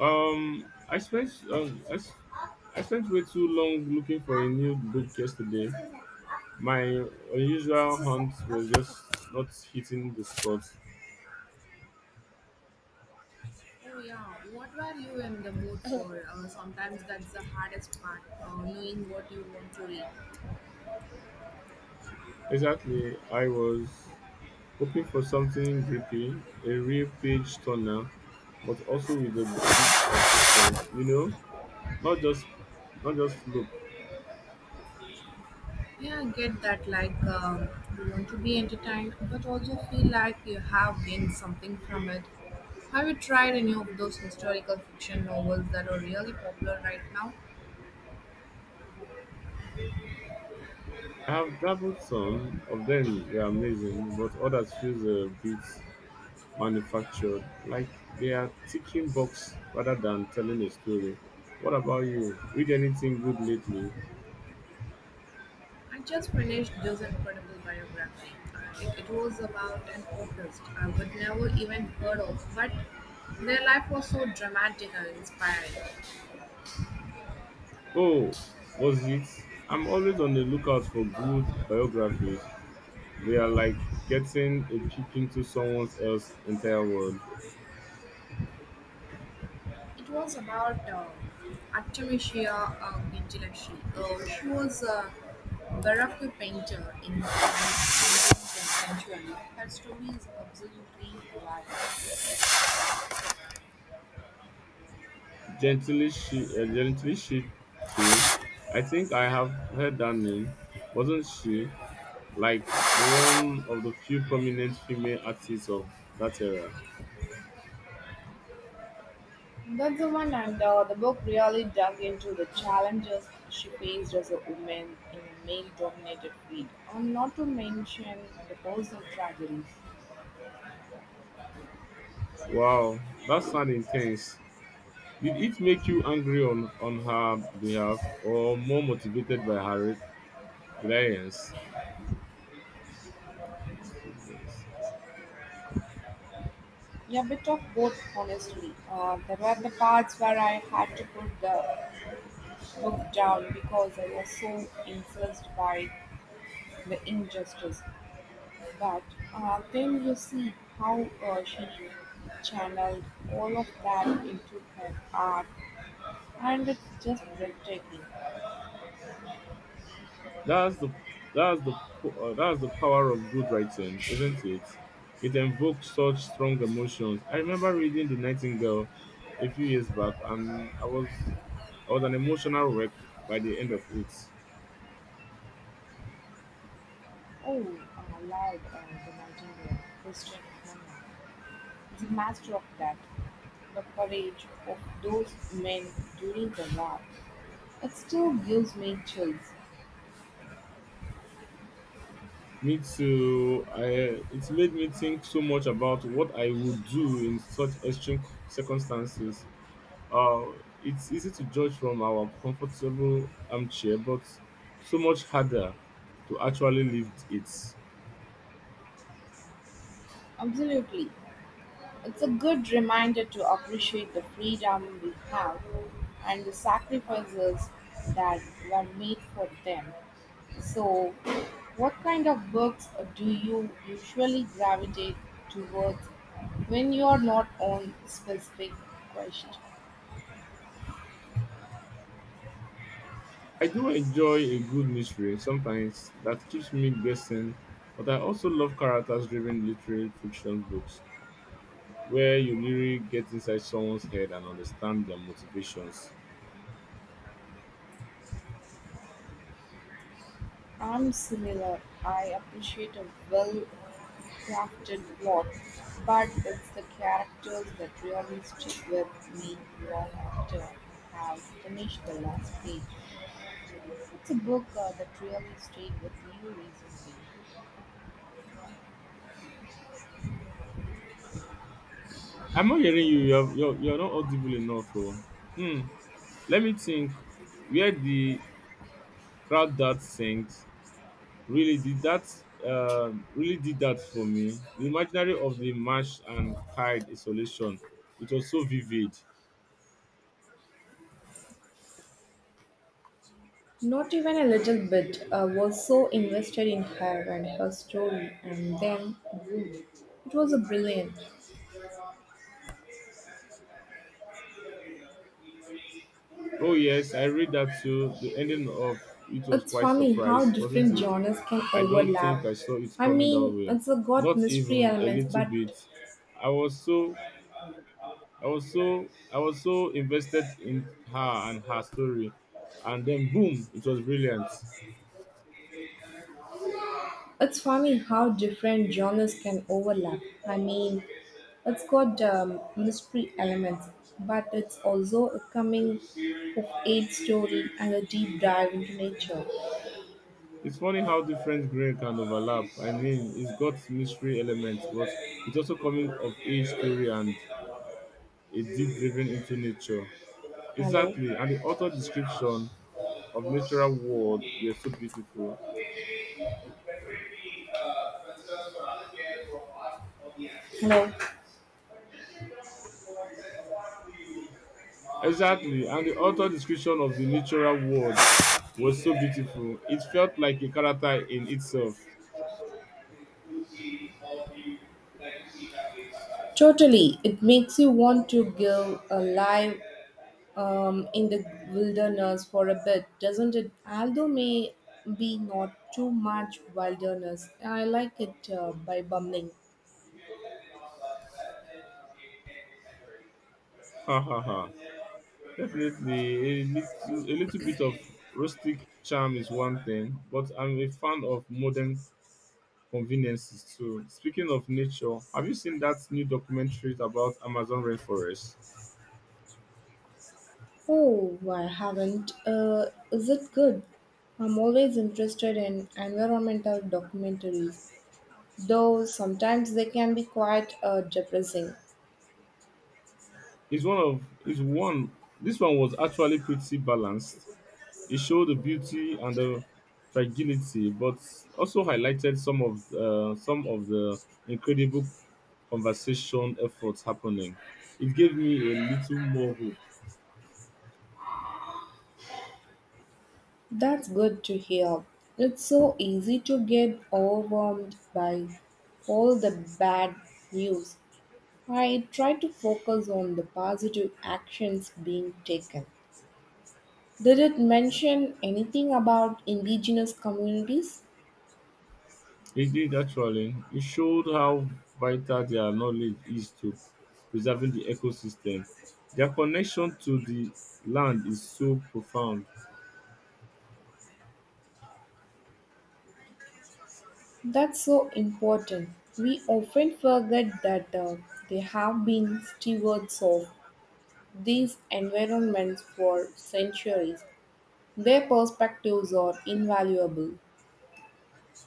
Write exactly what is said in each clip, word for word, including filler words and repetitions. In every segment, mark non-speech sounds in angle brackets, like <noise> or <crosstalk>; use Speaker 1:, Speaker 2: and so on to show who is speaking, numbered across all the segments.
Speaker 1: Um, I spent um, I, s- I spent way too long looking for a new book yesterday. My unusual hunt was just not hitting the spot.
Speaker 2: Oh yeah, what were you in the mood for? Uh, sometimes that's the hardest part, uh, knowing what you want to read.
Speaker 1: Exactly, I was hoping for something grippy, a real page turner, but also with a bit of substance. You know, not just not just fluff.
Speaker 2: Yeah, I get that. Like um, you want to be entertained, but also feel like you have gained something from it. Have you tried any of those historical fiction novels that are really popular right now?
Speaker 1: I have dabbled some of them; they're amazing, but others feels a bit manufactured. Like they are ticking box rather than telling a story. What about you? Read anything good lately?
Speaker 2: I just finished this incredible biography. Uh, It, it was about an artist I would never even heard of, but their life was so dramatic and inspiring.
Speaker 1: Oh, was it? I'm always on the lookout for good biographies. They are like getting a peek into someone else's entire world.
Speaker 2: It was about uh, Artemisia uh, Gentileschi. Uh, she was a Baroque painter in the nineteenth century. Her story is absolutely alive.
Speaker 1: Gently she, uh, gently she, she. I think I have heard that name. Wasn't she like one of the few prominent female artists of that era?
Speaker 2: That's the one, and uh, the book really dug into the challenges she faced as a woman in a male dominated field, and not to mention the personal tragedies.
Speaker 1: Wow, that sounds intense. Did it make you angry on, on her behalf or more motivated by her reliance? Goodness.
Speaker 2: Yeah, a bit of both, honestly. Uh, there were the parts where I had to put the Looked down because I was so incensed by the injustice. But uh, then you see how uh, she channeled all of that into her art, and it's just breathtaking.
Speaker 1: That's the that's the po- uh, that's the power of good writing, isn't it? It evokes such strong emotions. I remember reading The Nightingale a few years back, and I was I was an emotional wreck by the end of it.
Speaker 2: Oh, uh, loud uh, the nightingale, Christian Hannah, is a master of that. The courage of those men during the war. It still gives me chills.
Speaker 1: Me too. I, it made me think so much about what I would do in such extreme circumstances. Uh, it's easy to judge from our comfortable armchair, but so much harder to actually live it.
Speaker 2: Absolutely. It's a good reminder to appreciate the freedom we have and the sacrifices that were made for them. So, what kind of books do you usually gravitate towards when you are not on specific quest?
Speaker 1: I do enjoy a good mystery sometimes that keeps me guessing, but I also love characters driven literary fiction books where you really get inside someone's head and understand their motivations.
Speaker 2: I'm similar. I appreciate a well crafted plot, but it's the characters that really stick with me long after I have finished the last page. It's a book uh, that really stayed with you recently.
Speaker 1: I'm not hearing you. You're you're, you're not audible enough. Oh. Hmm. Let me think. Where the crowd that sings really did that uh, really did that for me. The imaginary of the marsh and kite isolation. It was so vivid.
Speaker 2: Not even a little bit. I was so invested in her and her story, and then it was a brilliant.
Speaker 1: Oh yes, I read that too. The ending of it was
Speaker 2: It's
Speaker 1: quite
Speaker 2: funny how
Speaker 1: surprise, wasn't
Speaker 2: different
Speaker 1: it?
Speaker 2: genres can
Speaker 1: I don't think
Speaker 2: overlap.
Speaker 1: I saw it
Speaker 2: I
Speaker 1: coming that
Speaker 2: mean,
Speaker 1: way.
Speaker 2: it's a got
Speaker 1: Not
Speaker 2: mystery
Speaker 1: even a
Speaker 2: elements,
Speaker 1: little
Speaker 2: but
Speaker 1: bit. I was so I was so I was so invested in her and her story, and then boom, it was brilliant.
Speaker 2: it's funny how different genres can overlap. I mean, it's got um, mystery elements, but it's also a coming of age story and a deep dive into nature.
Speaker 1: It's funny how different grain can overlap. I mean, it's got mystery elements, but it's also coming of age story and a deep driven into nature. Exactly, and the author description of natural world were so beautiful. Exactly, and the author description of the natural world was so beautiful. It felt like a character in itself. <laughs>
Speaker 2: Totally, it makes you want to go alive um, in the wilderness for a bit, doesn't it? Although may be not too much wilderness, I like it uh, by bumbling.
Speaker 1: Ha ha ha. Definitely, a little, a little bit of rustic charm is one thing, but I'm a fan of modern conveniences too. Speaking of nature, have you seen that new documentary about Amazon rainforest?
Speaker 2: Oh, I haven't. Uh, is it good? I'm always interested in environmental documentaries, though sometimes they can be quite uh, depressing.
Speaker 1: It's one of it's one. This one was actually pretty balanced. It showed the beauty and the fragility, but also highlighted some of uh, some of the incredible conservation efforts happening. It gave me a little more hope.
Speaker 2: That's good to hear. It's so easy to get overwhelmed by all the bad news. I try to focus on the positive actions being taken. Did it mention anything about indigenous communities?
Speaker 1: It did actually. It showed how vital their knowledge is to preserving the ecosystem. Their connection to the land is so profound.
Speaker 2: That's so important. We often forget that uh, they have been stewards of these environments for centuries. Their perspectives are invaluable.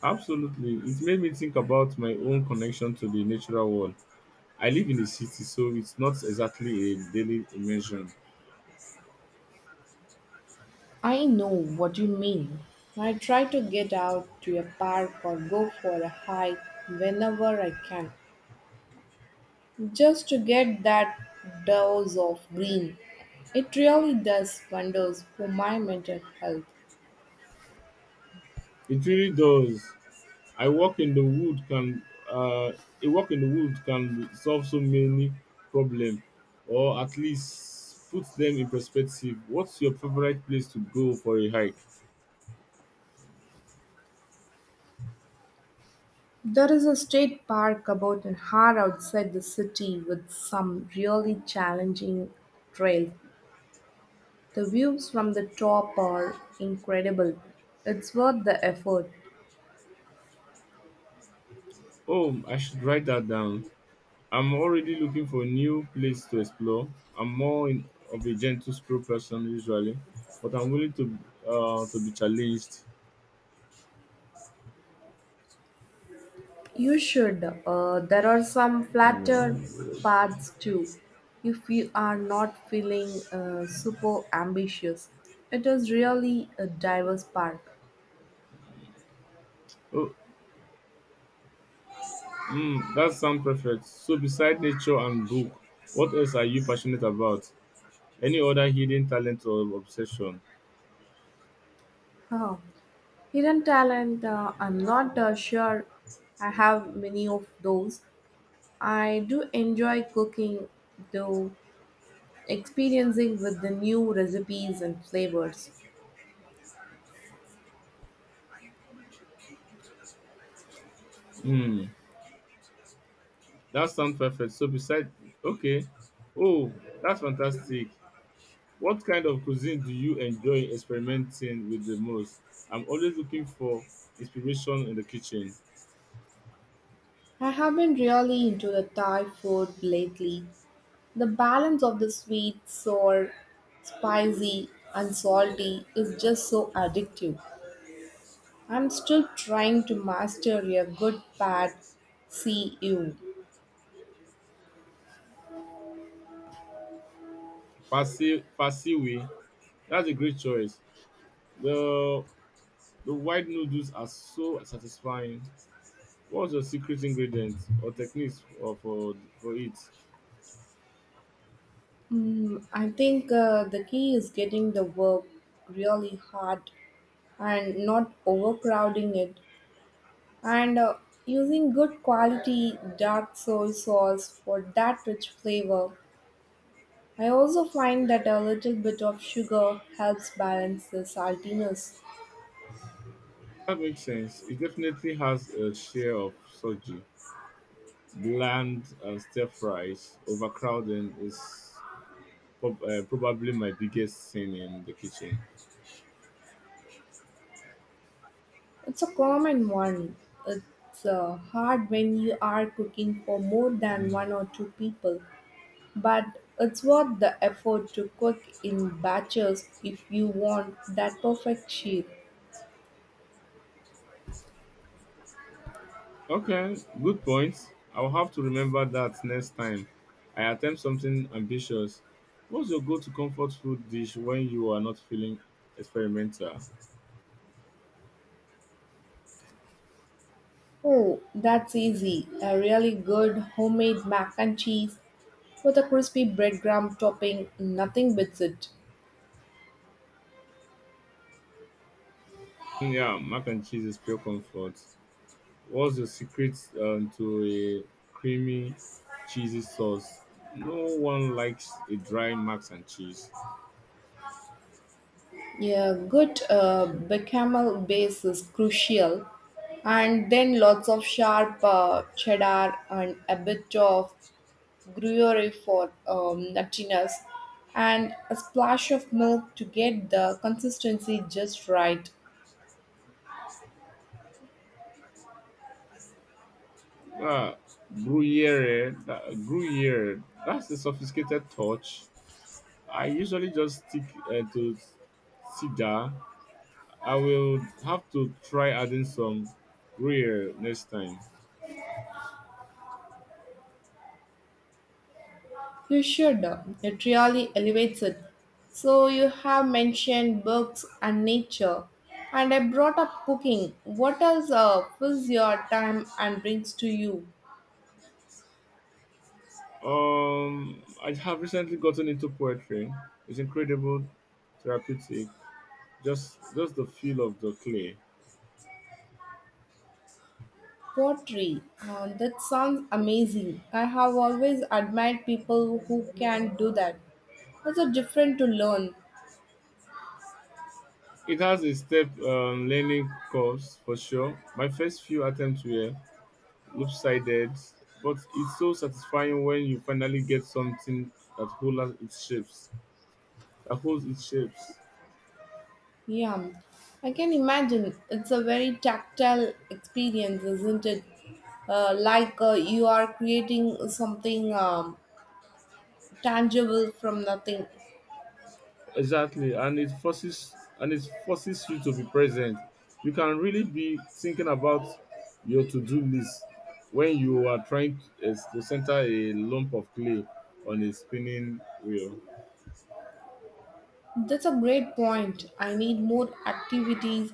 Speaker 1: Absolutely. It made me think about my own connection to the natural world. I live in a city, so it's not exactly a daily immersion.
Speaker 2: I know what you mean. I try to get out to a park or go for a hike whenever I can, just to get that dose of green. It really does wonders for my mental health.
Speaker 1: It really does. I walk in the wood can uh, a walk in the wood can solve so many problems, or at least put them in perspective. What's your favorite place to go for a hike?
Speaker 2: There is a state park about an hour outside the city with some really challenging trails. The views from the top are incredible. It's worth the effort.
Speaker 1: Oh, I should write that down. I'm already looking for a new place to explore. I'm more in, of a gentle stroll person usually, but I'm willing to uh, to be challenged.
Speaker 2: You should. Uh, there are some flatter
Speaker 1: Mm.
Speaker 2: paths too. If you are not feeling uh, super ambitious, it is really a diverse park.
Speaker 1: Oh, mm, that sounds perfect. So, beside nature and book, what else are you passionate about? Any other hidden talent or obsession?
Speaker 2: Huh. Hidden talent, uh, I'm not uh, sure I have many of those. I do enjoy cooking, though, experiencing with the new recipes and flavors.
Speaker 1: Hmm, that sounds perfect. So beside, okay, oh, that's fantastic. What kind of cuisine do you enjoy experimenting with the most? I'm always looking for inspiration in the kitchen.
Speaker 2: I have been really into the Thai food lately. The balance of the sweet, sour, spicy, and salty is just so addictive. I'm still trying to master a good pad C U.
Speaker 1: Farsi Farsiwi, that's a great choice. The the white noodles are so satisfying. What's your secret ingredient or techniques for for, for it?
Speaker 2: Mm, I think uh, the key is getting the work really hard and not overcrowding it and uh, using good quality dark soy sauce for that rich flavor. I also find that a little bit of sugar helps balance the saltiness.
Speaker 1: That makes sense. It definitely has a share of soju. Bland and stir fries. Overcrowding is prob- uh, probably my biggest sin in the kitchen.
Speaker 2: It's a common one. It's uh, hard when you are cooking for more than one or two people, but it's worth the effort to cook in batches if you want that perfect shape.
Speaker 1: Okay, good point. I'll have to remember that next time I attempt something ambitious. What's your go-to comfort food dish when you are not feeling experimental?
Speaker 2: Oh, that's easy. A really good homemade mac and cheese with a crispy breadcrumb topping, nothing beats it.
Speaker 1: Mm, yeah, mac and cheese is pure comfort. What's the secret um, to a creamy, cheesy sauce? No one likes a dry mac and cheese.
Speaker 2: Yeah, good uh, bechamel base is crucial, and then lots of sharp uh, cheddar and a bit of gruyere for um, nuttiness, and a splash of milk to get the consistency just right.
Speaker 1: uh, Gruyere, that, Gruyere, that's the sophisticated touch. I usually just stick uh, to cider. I will have to try adding some Gruyere next time.
Speaker 2: You should. uh, It really elevates it. So you have mentioned books and nature, and I brought up cooking. What else uh, fills your time and brings to you?
Speaker 1: Um, I have recently gotten into poetry. It's incredible, therapeutic. Just, just the feel of the clay.
Speaker 2: Pottery. Uh, that sounds amazing. I have always admired people who can do that. It's a different to learn.
Speaker 1: It has a step um, learning course for sure. My first few attempts were lopsided, but it's so satisfying when you finally get something that holds its shapes. That holds its shapes.
Speaker 2: Yeah, I can imagine. It's a very tactile experience, isn't it? Uh, like uh, you are creating something um, tangible from nothing.
Speaker 1: Exactly, and it forces and it forces you to be present. You can really be thinking about your to-do list when you are trying to, is to center a lump of clay on a spinning wheel.
Speaker 2: That's a great point. I need more activities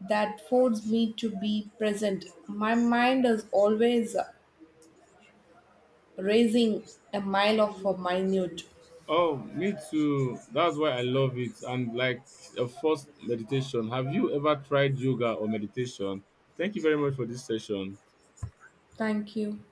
Speaker 2: that force me to be present. My mind is always raising a mile of a minute.
Speaker 1: Oh, me too. That's why I love it. And like a first meditation, have you ever tried yoga or meditation? Thank you very much for this session.
Speaker 2: Thank you.